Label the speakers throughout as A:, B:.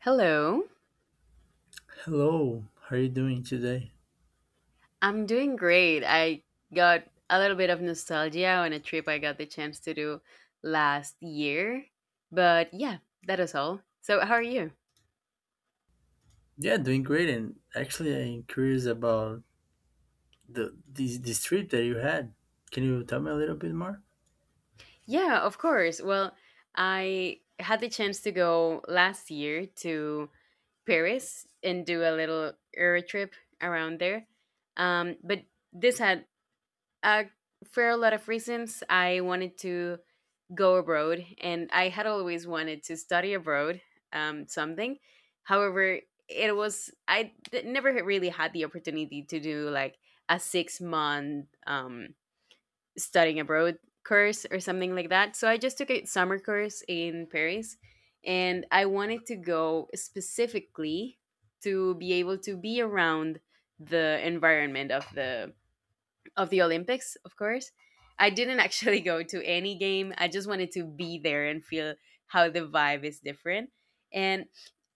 A: Hello.
B: Hello, how are you doing today?
A: I'm doing great. I got a little bit of nostalgia on a trip I got the chance to do last year. But yeah, that is all. So, how are you?
B: Yeah, doing great. And actually, I'm curious about the this this trip that you had. Can you tell me a little bit more?
A: Yeah, of course. Well, I had the chance to go last year to Paris and do a little Euro trip around there. But this had a fair lot of reasons. I wanted to go abroad, and I had always wanted to study abroad something. However, it was I d- never had really had the opportunity to do like a 6 month studying abroad course or something like that. So I just took a summer course in Paris, and I wanted to go specifically to be able to be around the environment of the Olympics, of course. I didn't actually go to any game. I just wanted to be there and feel how the vibe is different. And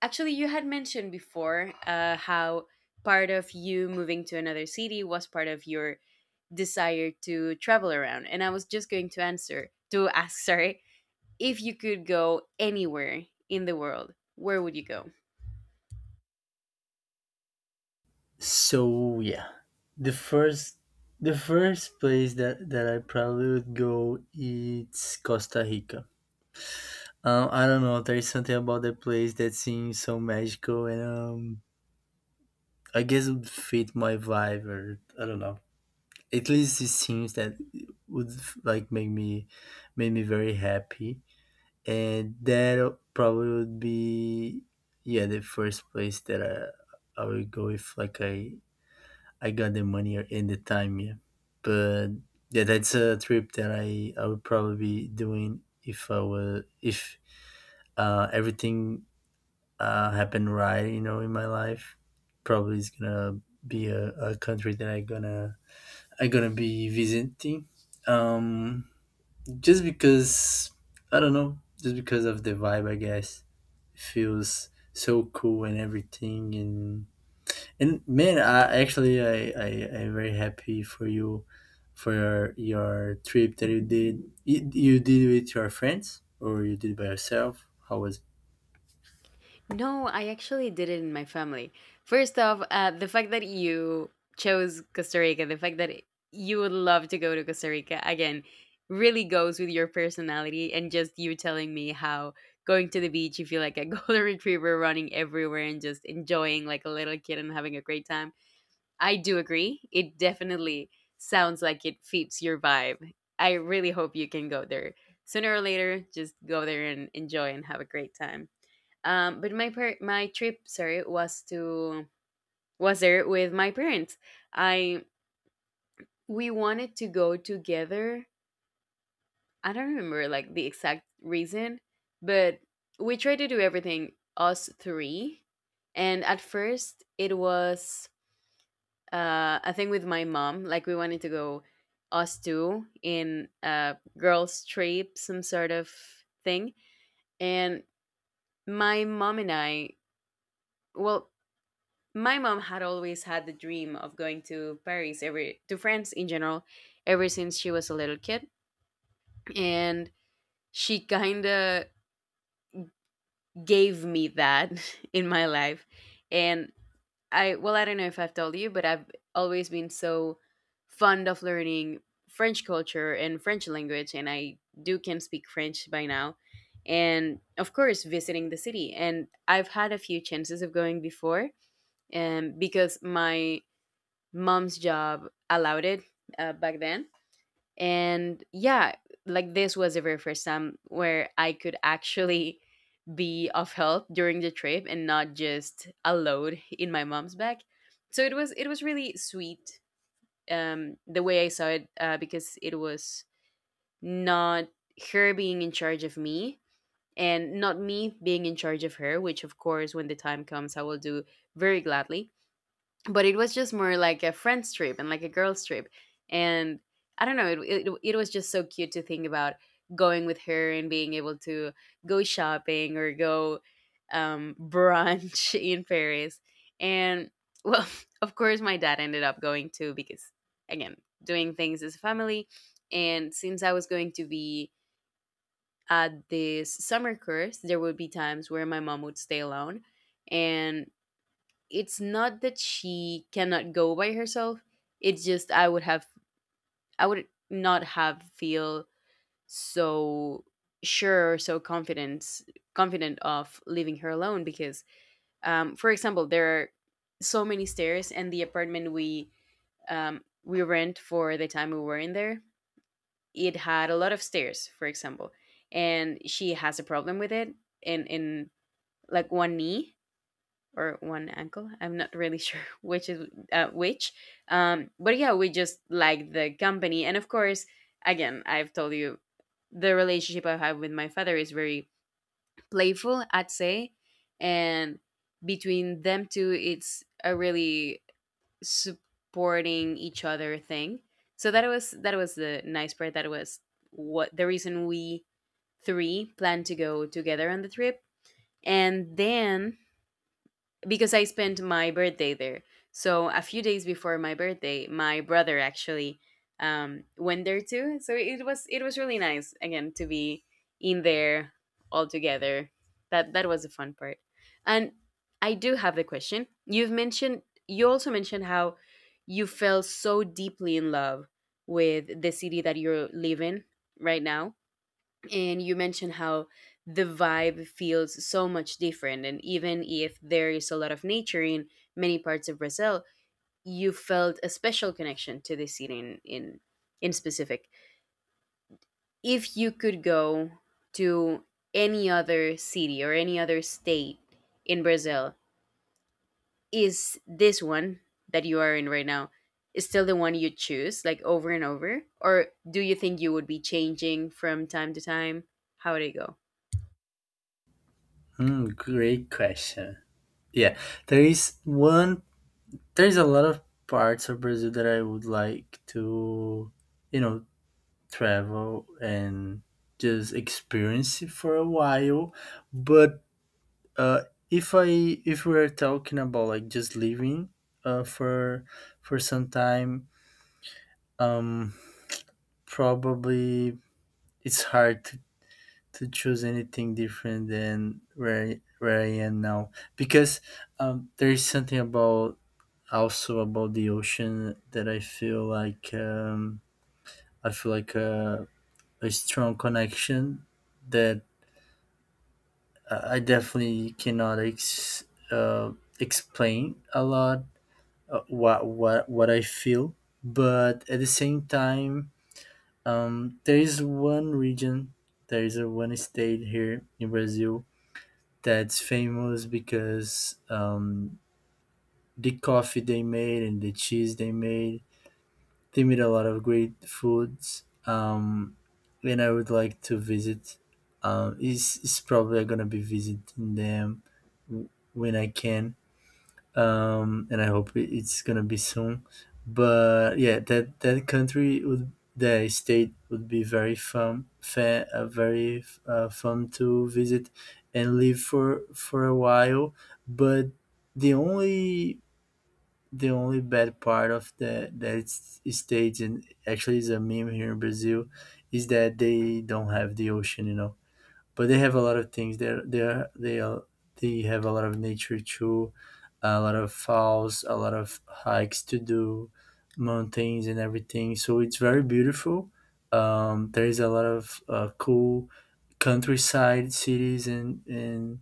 A: actually, you had mentioned before how part of you moving to another city was part of your desire to travel around. And I was just going to answer, to ask, sorry, if you could go anywhere in the world, where would you go?
B: So yeah, the first the first place that I probably would go is Costa Rica. I don't know. There is something about the place that seems so magical, and I guess it would fit my vibe, or I don't know. At least it seems that it would like make me, make me very happy, and that probably would be, yeah, the first place that I would go if I got the money or in the time. Yeah, but yeah, that's a trip that I would probably be doing if I were, if everything happened right, you know, in my life. Probably is gonna be a country that I gonna, I gonna be visiting, um just because, I don't know, just because of the vibe, I guess, feels so cool and everything. And man, I actually, I I'm very happy for you, for your trip that you did. You did it with your friends or you did by yourself? How was it?
A: No, I actually did it in my family. First off, the fact that you chose Costa Rica, the fact that you would love to go to Costa Rica again, really goes with your personality and just you telling me how going to the beach, you feel like a golden retriever running everywhere and just enjoying like a little kid and having a great time. I do agree. It definitely sounds like it fits your vibe. I really hope you can go there sooner or later. Just go there and enjoy and have a great time. But my trip, sorry, was there with my parents. I We wanted to go together. I don't remember like the exact reason, but we tried to do everything us three. And at first, it was a thing with my mom. Like we wanted to go us two in a girls' trip, some sort of thing. And my mom and I, well, my mom had always had the dream of going to Paris every to France in general ever since she was a little kid, and she kind of gave me that in my life. And I well I don't know if I've told you, but I've always been so fond of learning French culture and French language, and I do can speak French by now, and of course visiting the city. And I've had a few chances of going before, because my mom's job allowed it back then. And yeah, like this was the very first time where I could actually be of help during the trip and not just a load in my mom's back. So it was really sweet the way I saw it, because it was not her being in charge of me and not me being in charge of her, which of course when the time comes I will do very gladly. But it was just more like a friend's trip and like a girl's trip. And I don't know, it was just so cute to think about going with her and being able to go shopping or go brunch in Paris. And well, of course my dad ended up going too, because again, doing things as a family. And since I was going to be at this summer course, there would be times where my mom would stay alone. And it's not that she cannot go by herself, it's just I would have, I would not have feel so sure, so confident of leaving her alone, because for example, there are so many stairs. And the apartment we rent for the time we were in there, it had a lot of stairs, for example. And she has a problem with it, in like one knee or one uncle. I'm not really sure which is which. But yeah, we just liked the company, and of course, again, I've told you the relationship I have with my father is very playful, I'd say. And between them two, it's a really supporting each other thing. So that was the nice part. That was what the reason we three planned to go together on the trip, and then because I spent my birthday there. So a few days before my birthday, my brother actually went there too. So it was really nice again to be in there all together. That was the fun part. And I do have the question. You also mentioned how you fell so deeply in love with the city that you live in right now, and you mentioned how the vibe feels so much different, and even if there is a lot of nature in many parts of Brazil, you felt a special connection to this city in specific. If you could go to any other city or any other state in Brazil, is this one that you are in right now is still the one you choose, like over and over, or do you think you would be changing from time to time? How would it go?
B: Hmm, great question. Yeah, there is one, there is a lot of parts of Brazil that I would like to, you know, travel and just experience it for a while. But Uh, if I, if we're talking about like just living uh, for for some time, um, probably it's hard to choose anything different than where where I am now because, there is something about, also about the ocean that I feel like, I feel like a strong connection, that I definitely cannot uh, explain a lot what I feel, but at the same time, there is one region, there is a one state here in Brazil that's famous because, the coffee they made and the cheese they made a lot of great foods. And I would like to visit. Is probably gonna be visiting them when I can, and I hope it's gonna be soon. But yeah, that that country would the state would be very fun, fa very fun to visit and live for a while. But the only, the only bad part of that state, and actually is a meme here in Brazil, is that they don't have the ocean, you know, but they have a lot of things there. They are, they are, they have a lot of nature too, a lot of falls, a lot of hikes to do, mountains and everything. So it's very beautiful. There is a lot of cool countryside cities and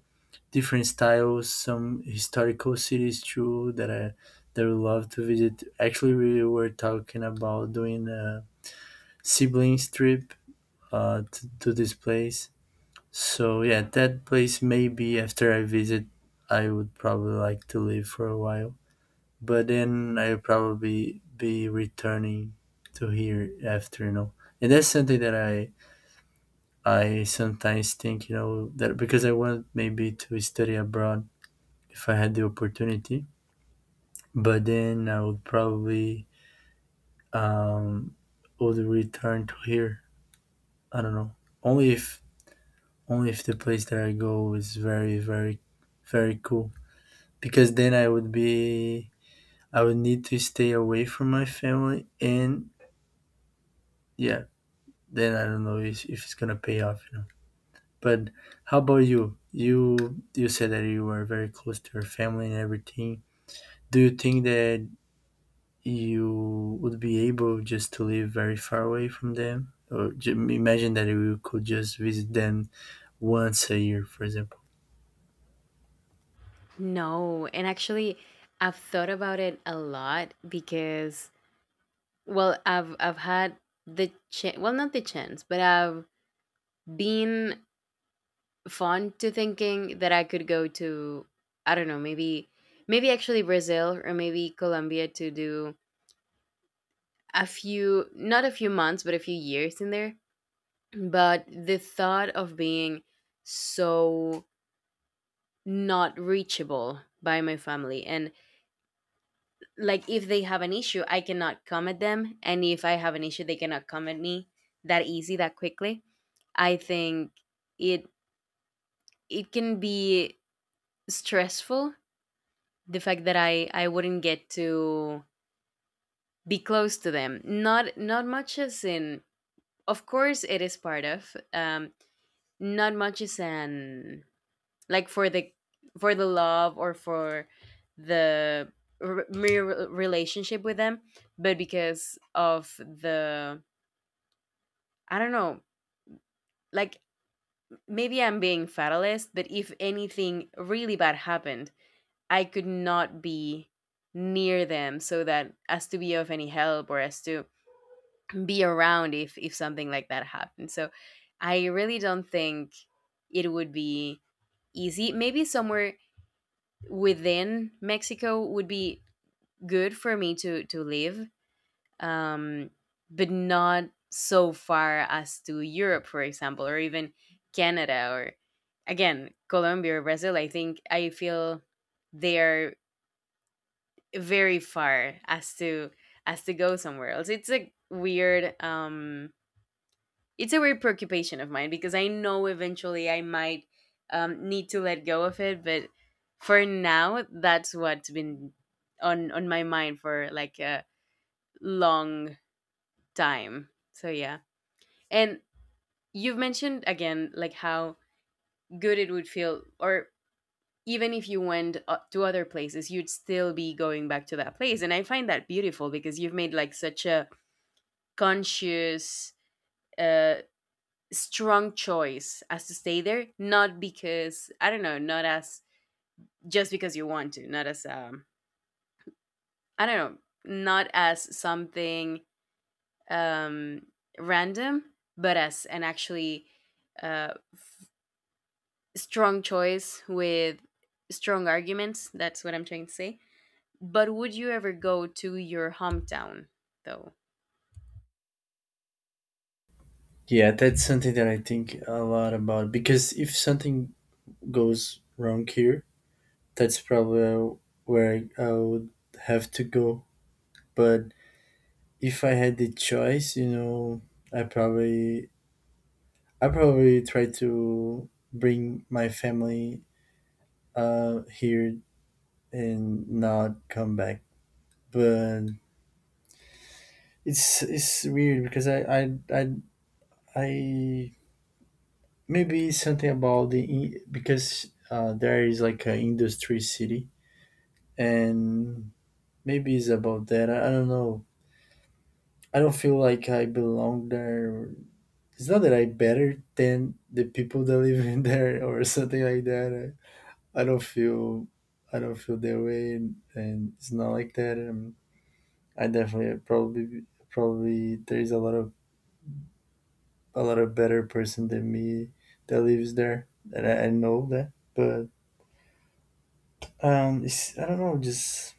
B: different styles. Some historical cities too that I, that we love to visit. Actually, we were talking about doing a siblings trip to this place. So yeah, that place, maybe after I visit, I would probably like to live for a while. But then I'll probably be returning to here after, you know. And that's something that I sometimes think, you know, that because I want maybe to study abroad if I had the opportunity. But then I would probably um would return to here. I don't know. Only if, only if the place that I go is very, very, very cool. Because then I would be, I would need to stay away from my family, and yeah, then I don't know if it's gonna pay off, you know. But how about you? You said that you were very close to your family and everything. Do you think that you would be able just to live very far away from them? Or imagine that you could just visit them once a year, for example.
A: No, and actually, I've thought about it a lot because, well, I've had the chance, well, not the chance, but I've been fond to thinking that I could go to, I don't know, maybe actually Brazil or maybe Colombia to do a few, not a few months, but a few years in there. But the thought of being so not reachable by my family, and like if they have an issue I cannot come at them, and if I have an issue they cannot come at me, that easy, that quickly, I think it it can be stressful. The fact that I wouldn't get to be close to them, not not much as in, of course it is part of not much as an, like for the, for the love, or for the mere relationship with them, but because of the, I don't know. Like maybe I'm being fatalist, but if anything really bad happened, I could not be near them so that as to be of any help, or as to be around if something like that happened. So I really don't think it would be easy. Maybe somewhere within Mexico would be good for me to live, um, but not so far as to Europe, for example, or even Canada, or again, Colombia or Brazil. I think I feel they are very far as to go somewhere else. It's a weird preoccupation of mine, because I know eventually I might need to let go of it, but for now that's what's been on my mind for like a long time. So yeah. And you've mentioned again, like how good it would feel, or even if you went to other places, you'd still be going back to that place. And I find that beautiful, because you've made like such a conscious, uh, strong choice as to stay there, not because, I don't know, not as just because you want to, not as, I don't know, not as something um, random, but as an actually uh, strong choice with strong arguments. That's what I'm trying to say. But would you ever go to your hometown though?
B: Yeah, that's something that I think a lot about because if something goes wrong here, that's probably where I would have to go. But if I had the choice, you know, I probably, I probably try to bring my family here and not come back. But it's weird because I, maybe it's something about because there is like an industry city, and maybe it's about that. I don't know. I don't feel like I belong there. It's not that I'm better than the people that live in there or something like that. I don't feel, I don't feel that way, and it's not like that. I definitely probably, probably there is a lot of, a lot of better person than me that lives there, and I know that. But it's, I don't know, just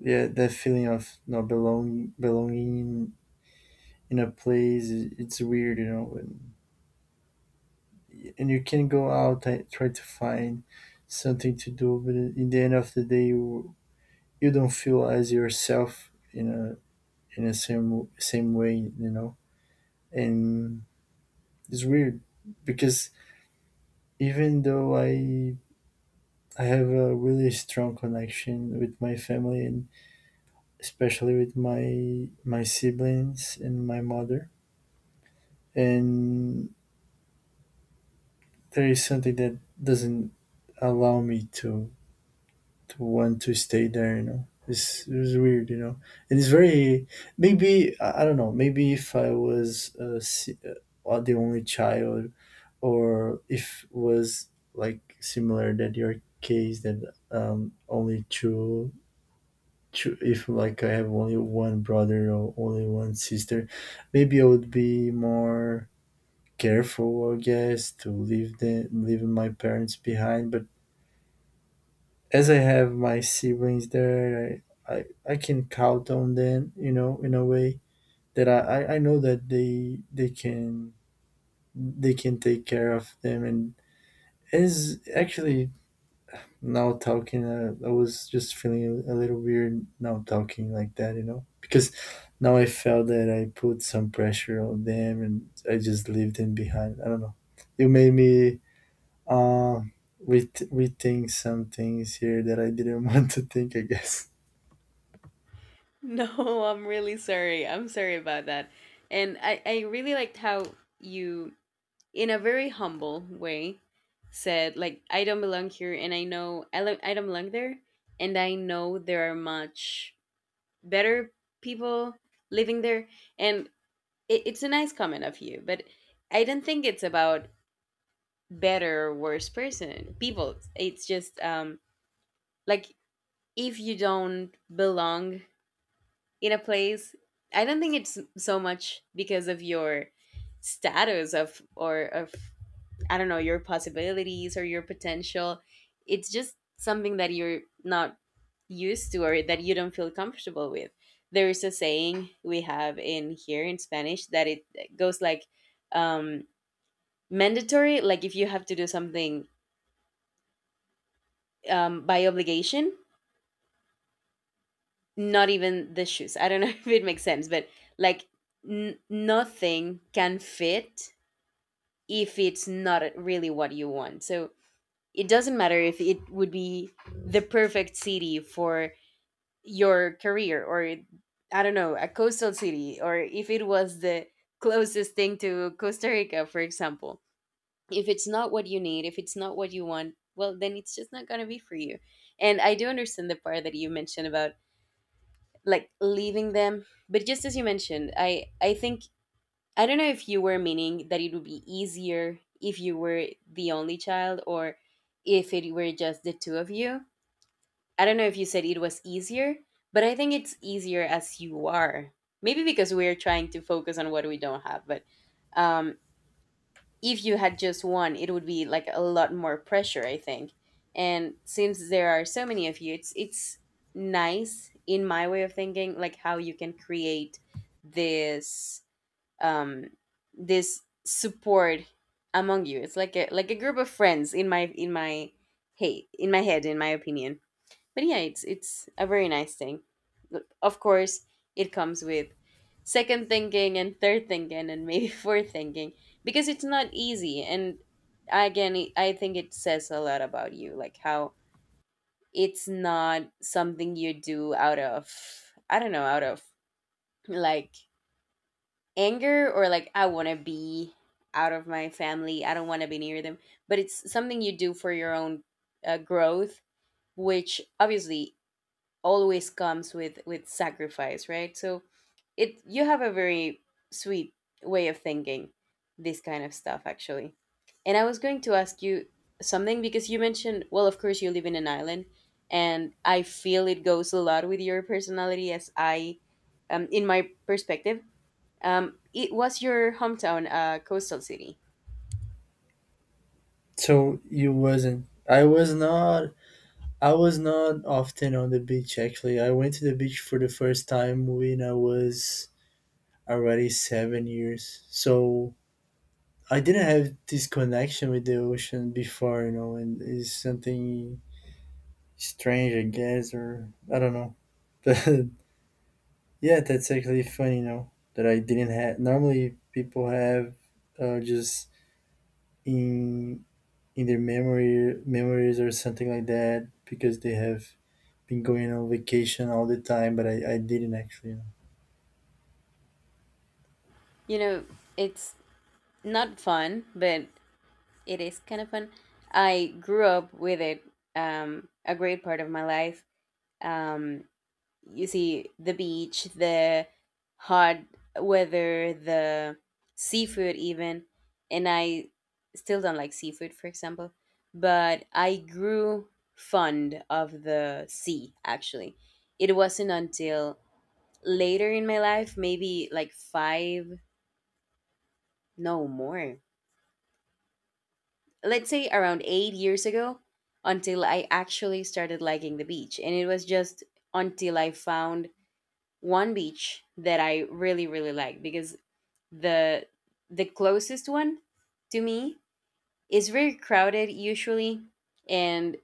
B: yeah, that feeling of not belonging in a place. It's weird, you know. And you can go out and try to find something to do, but in the end of the day you, you don't feel as yourself in a, in the same way, you know. And it's weird because even though I I have a really strong connection with my family, and especially with my siblings and my mother, and there is something that doesn't allow me to want to stay there, you know. It's weird, you know. And it's very, maybe I don't know. Maybe if I was the only child, or if was like similar that your case, that only two, two, if like I have only one brother or only one sister, maybe I would be more careful, I guess, to leave the leaving my parents behind. But as I have my siblings there, I can count on them, you know, in a way that I know that they can, they can take care of them. And as actually, now talking, I was just feeling a little weird now talking like that, you know, because now I felt that I put some pressure on them and I just leave them behind. I don't know. You made me uh, rethink some things here that I didn't want to think, I guess.
A: No, I'm really sorry. I'm sorry about that. And I really liked how you, in a very humble way, said, like, I don't belong here, and I know I don't belong there. And I know there are much better people living there. And it's a nice comment of you, but I don't think it's about better or worse person people. It's just like, if you don't belong in a place, I don't think it's so much because of your status, of or of I don't know, your possibilities or your potential. It's just something that you're not used to, or that you don't feel comfortable with. There is a saying we have in here in Spanish that it goes like, um mandatory, like if you have to do something by obligation, not even the shoes. I don't know if it makes sense, but like, nothing can fit if it's not really what you want. So it doesn't matter if it would be the perfect city for your career, or I don't know, a coastal city, or if it was the closest thing to Costa Rica, for example. If it's not what you need, if it's not what you want, well, then it's just not going to be for you. And I do understand the part that you mentioned about like leaving them, but just as you mentioned, I think, I don't know if you were meaning that it would be easier if you were the only child, or if it were just the two of you. I don't know if you said it was easier, but I think it's easier as you are, maybe because we're trying to focus on what we don't have. But um if you had just one, it would be like a lot more pressure, I think. And since there are so many of you, it's nice in my way of thinking, like how you can create this, um this support among you. It's like a, like a group of friends in my head, in my opinion. But yeah, it's a very nice thing. But of course it comes with second thinking and third thinking and maybe fourth thinking, because it's not easy. And again, I think it says a lot about you, like how it's not something you do out of, I don't know, out of, like, anger, or like I want to be out of my family, I don't want to be near them. But it's something you do for your own growth, which obviously always comes with sacrifice, right? So it, you have a very sweet way of thinking this kind of stuff, actually. And I was going to ask you something, because you mentioned, well of course you live in an island, and I feel it goes a lot with your personality. As I, in my perspective, it was your hometown, coastal city,
B: So you wasn't. I was not. I was not often on the beach actually. I went to the beach for the first time when I was already 7 years. So I didn't have this connection with the ocean before, you know, and it's something strange, I guess, or I don't know. But yeah, that's actually funny, you know, that I didn't have. Normally, people have just in in their memory memories or something like that because they have been going on vacation all the time, but I didn't actually.
A: you know, it's not fun, but it is kind of fun. I grew up with it a great part of my life. Um, you see, the beach, the hot weather, the seafood, even. And I still don't like seafood, for example. But I grew fond of the sea, actually. It wasn't until later in my life, maybe like five, no more, let's say around 8 years ago until I actually started liking the beach. And it was just until I found one beach that I really, really liked. Because the the closest one to me is very crowded usually, and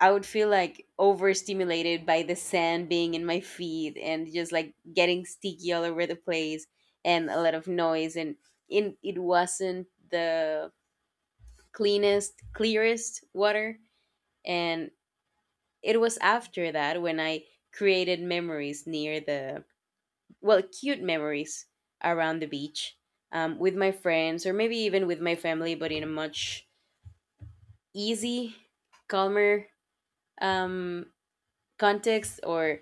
A: I would feel like overstimulated by the sand being in my feet and just like getting sticky all over the place, and a lot of noise, and in it wasn't the cleanest, clearest water. And it was after that when I created memories near the, well, cute memories around the beach, with my friends or maybe even with my family, but in a much easy, calmer, um, context, or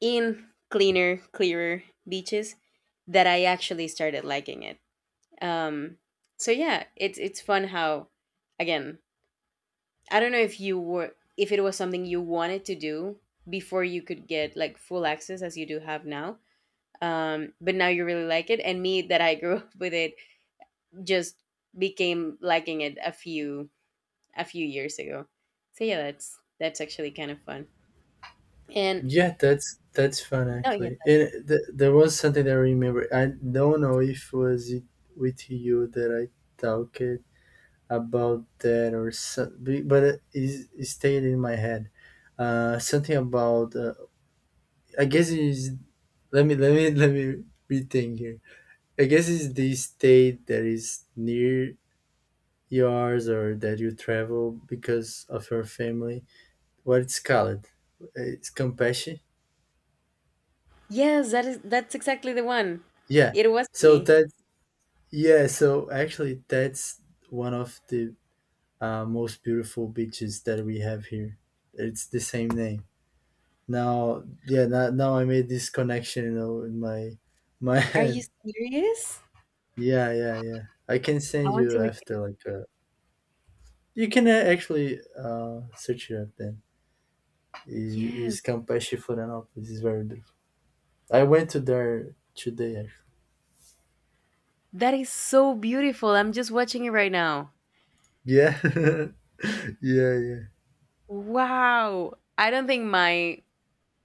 A: in cleaner, clearer beaches, that I actually started liking it. um, so yeah, it's fun how, again, I don't know if you were, if it was something you wanted to do before you could get like full access as you do have now. But now you really like it, and me that I grew up with it just became liking it a few years ago. So yeah, that's actually kind of fun. And
B: Yeah, that's fun
A: oh yes,
B: actually. And there was something that I remember. I don't know if was it with you that I talked about that or something, but it, it stayed in my head. Something about I guess it is. Let me rethink here. I guess it's the state that is near yours or that you travel because of your family, what it's called, it's Compassion.
A: yes, that is, that's exactly the one.
B: Yeah,
A: It was
B: so
A: me.
B: that, yeah, so actually that's one of the most beautiful beaches that we have here. It's the same name. Now, yeah, now, now I made this connection, you know, in my
A: Are you
B: head.
A: serious?
B: Yeah, yeah, yeah, I can
A: I
B: send
A: want to
B: you
A: look.
B: after like, you can actually search it up then. is
A: Yes,
B: is Campeche Florianópolis, is very beautiful. I went to there today actually.
A: that is so beautiful. I'm just watching it right now.
B: Yeah yeah, yeah.
A: Wow. I don't think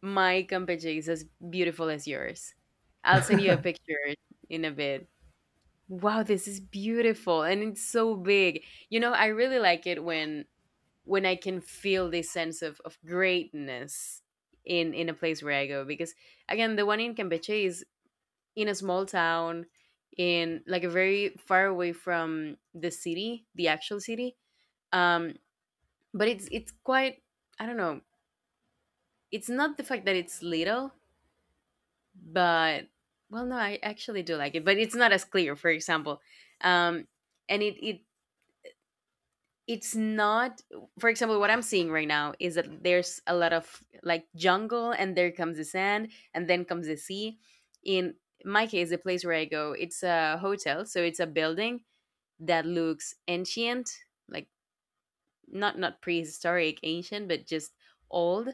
A: my campeche is as beautiful as yours. I'll send you a picture in a bit. Wow, this is beautiful, and it's so big. You know, I really like it when I can feel this sense of greatness in a place where I go, because again, the one in Campeche is in a small town in, like, a very far away from the city, the actual city. Um, but it's quite, I don't know. It's not the fact that it's little, but, well, no, I actually do like it, but it's not as clear, for example. um and it it's not, for example, what I'm seeing right now is that there's a lot of like jungle, and there comes the sand, and then comes the sea. In my case, the place where I go, it's a hotel, so it's a building that looks ancient. Like, not prehistoric ancient, but just old,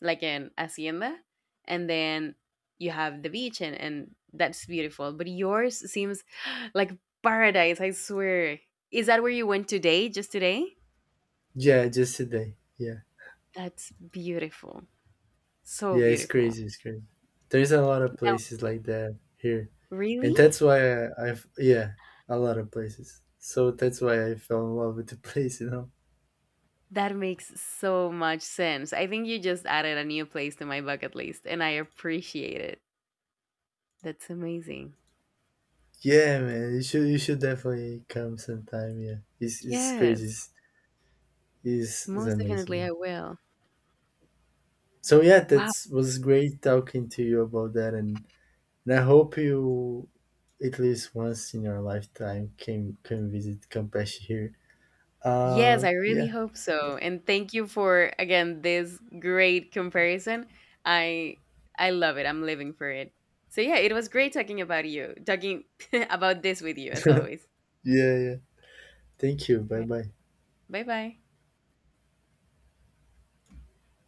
A: like an hacienda. And then you have the beach, and that's beautiful. But yours seems like paradise, I swear. Is that where you went today, just today?
B: Yeah, just today. Yeah.
A: That's beautiful, so
B: Yeah, it's
A: beautiful.
B: crazy, it's crazy. There's a lot of
A: Now,
B: places like that here. And
A: really?
B: that's why I, I've, yeah, a lot of places. So that's why I fell in love with the place, you know.
A: That makes so much sense. I think you just added a new place to my bucket list, and I appreciate it. That's amazing.
B: Yeah, man, you should, you should definitely come sometime, yeah. It's crazy.
A: Yes,
B: It's
A: most
B: amazing.
A: definitely
B: Yeah.
A: I will.
B: So yeah,
A: Wow.
B: that's was great talking to you about that, and I hope you at least once in your lifetime can visit Campeche here.
A: Yes, I really
B: Yeah.
A: hope so. And thank you for, again, this great comparison. I I love it. I'm living for it. So yeah, it was great talking about you, talking about this with you as always.
B: Yeah, yeah. Thank you.
A: All
B: Bye
A: right.
B: bye.
A: Bye bye.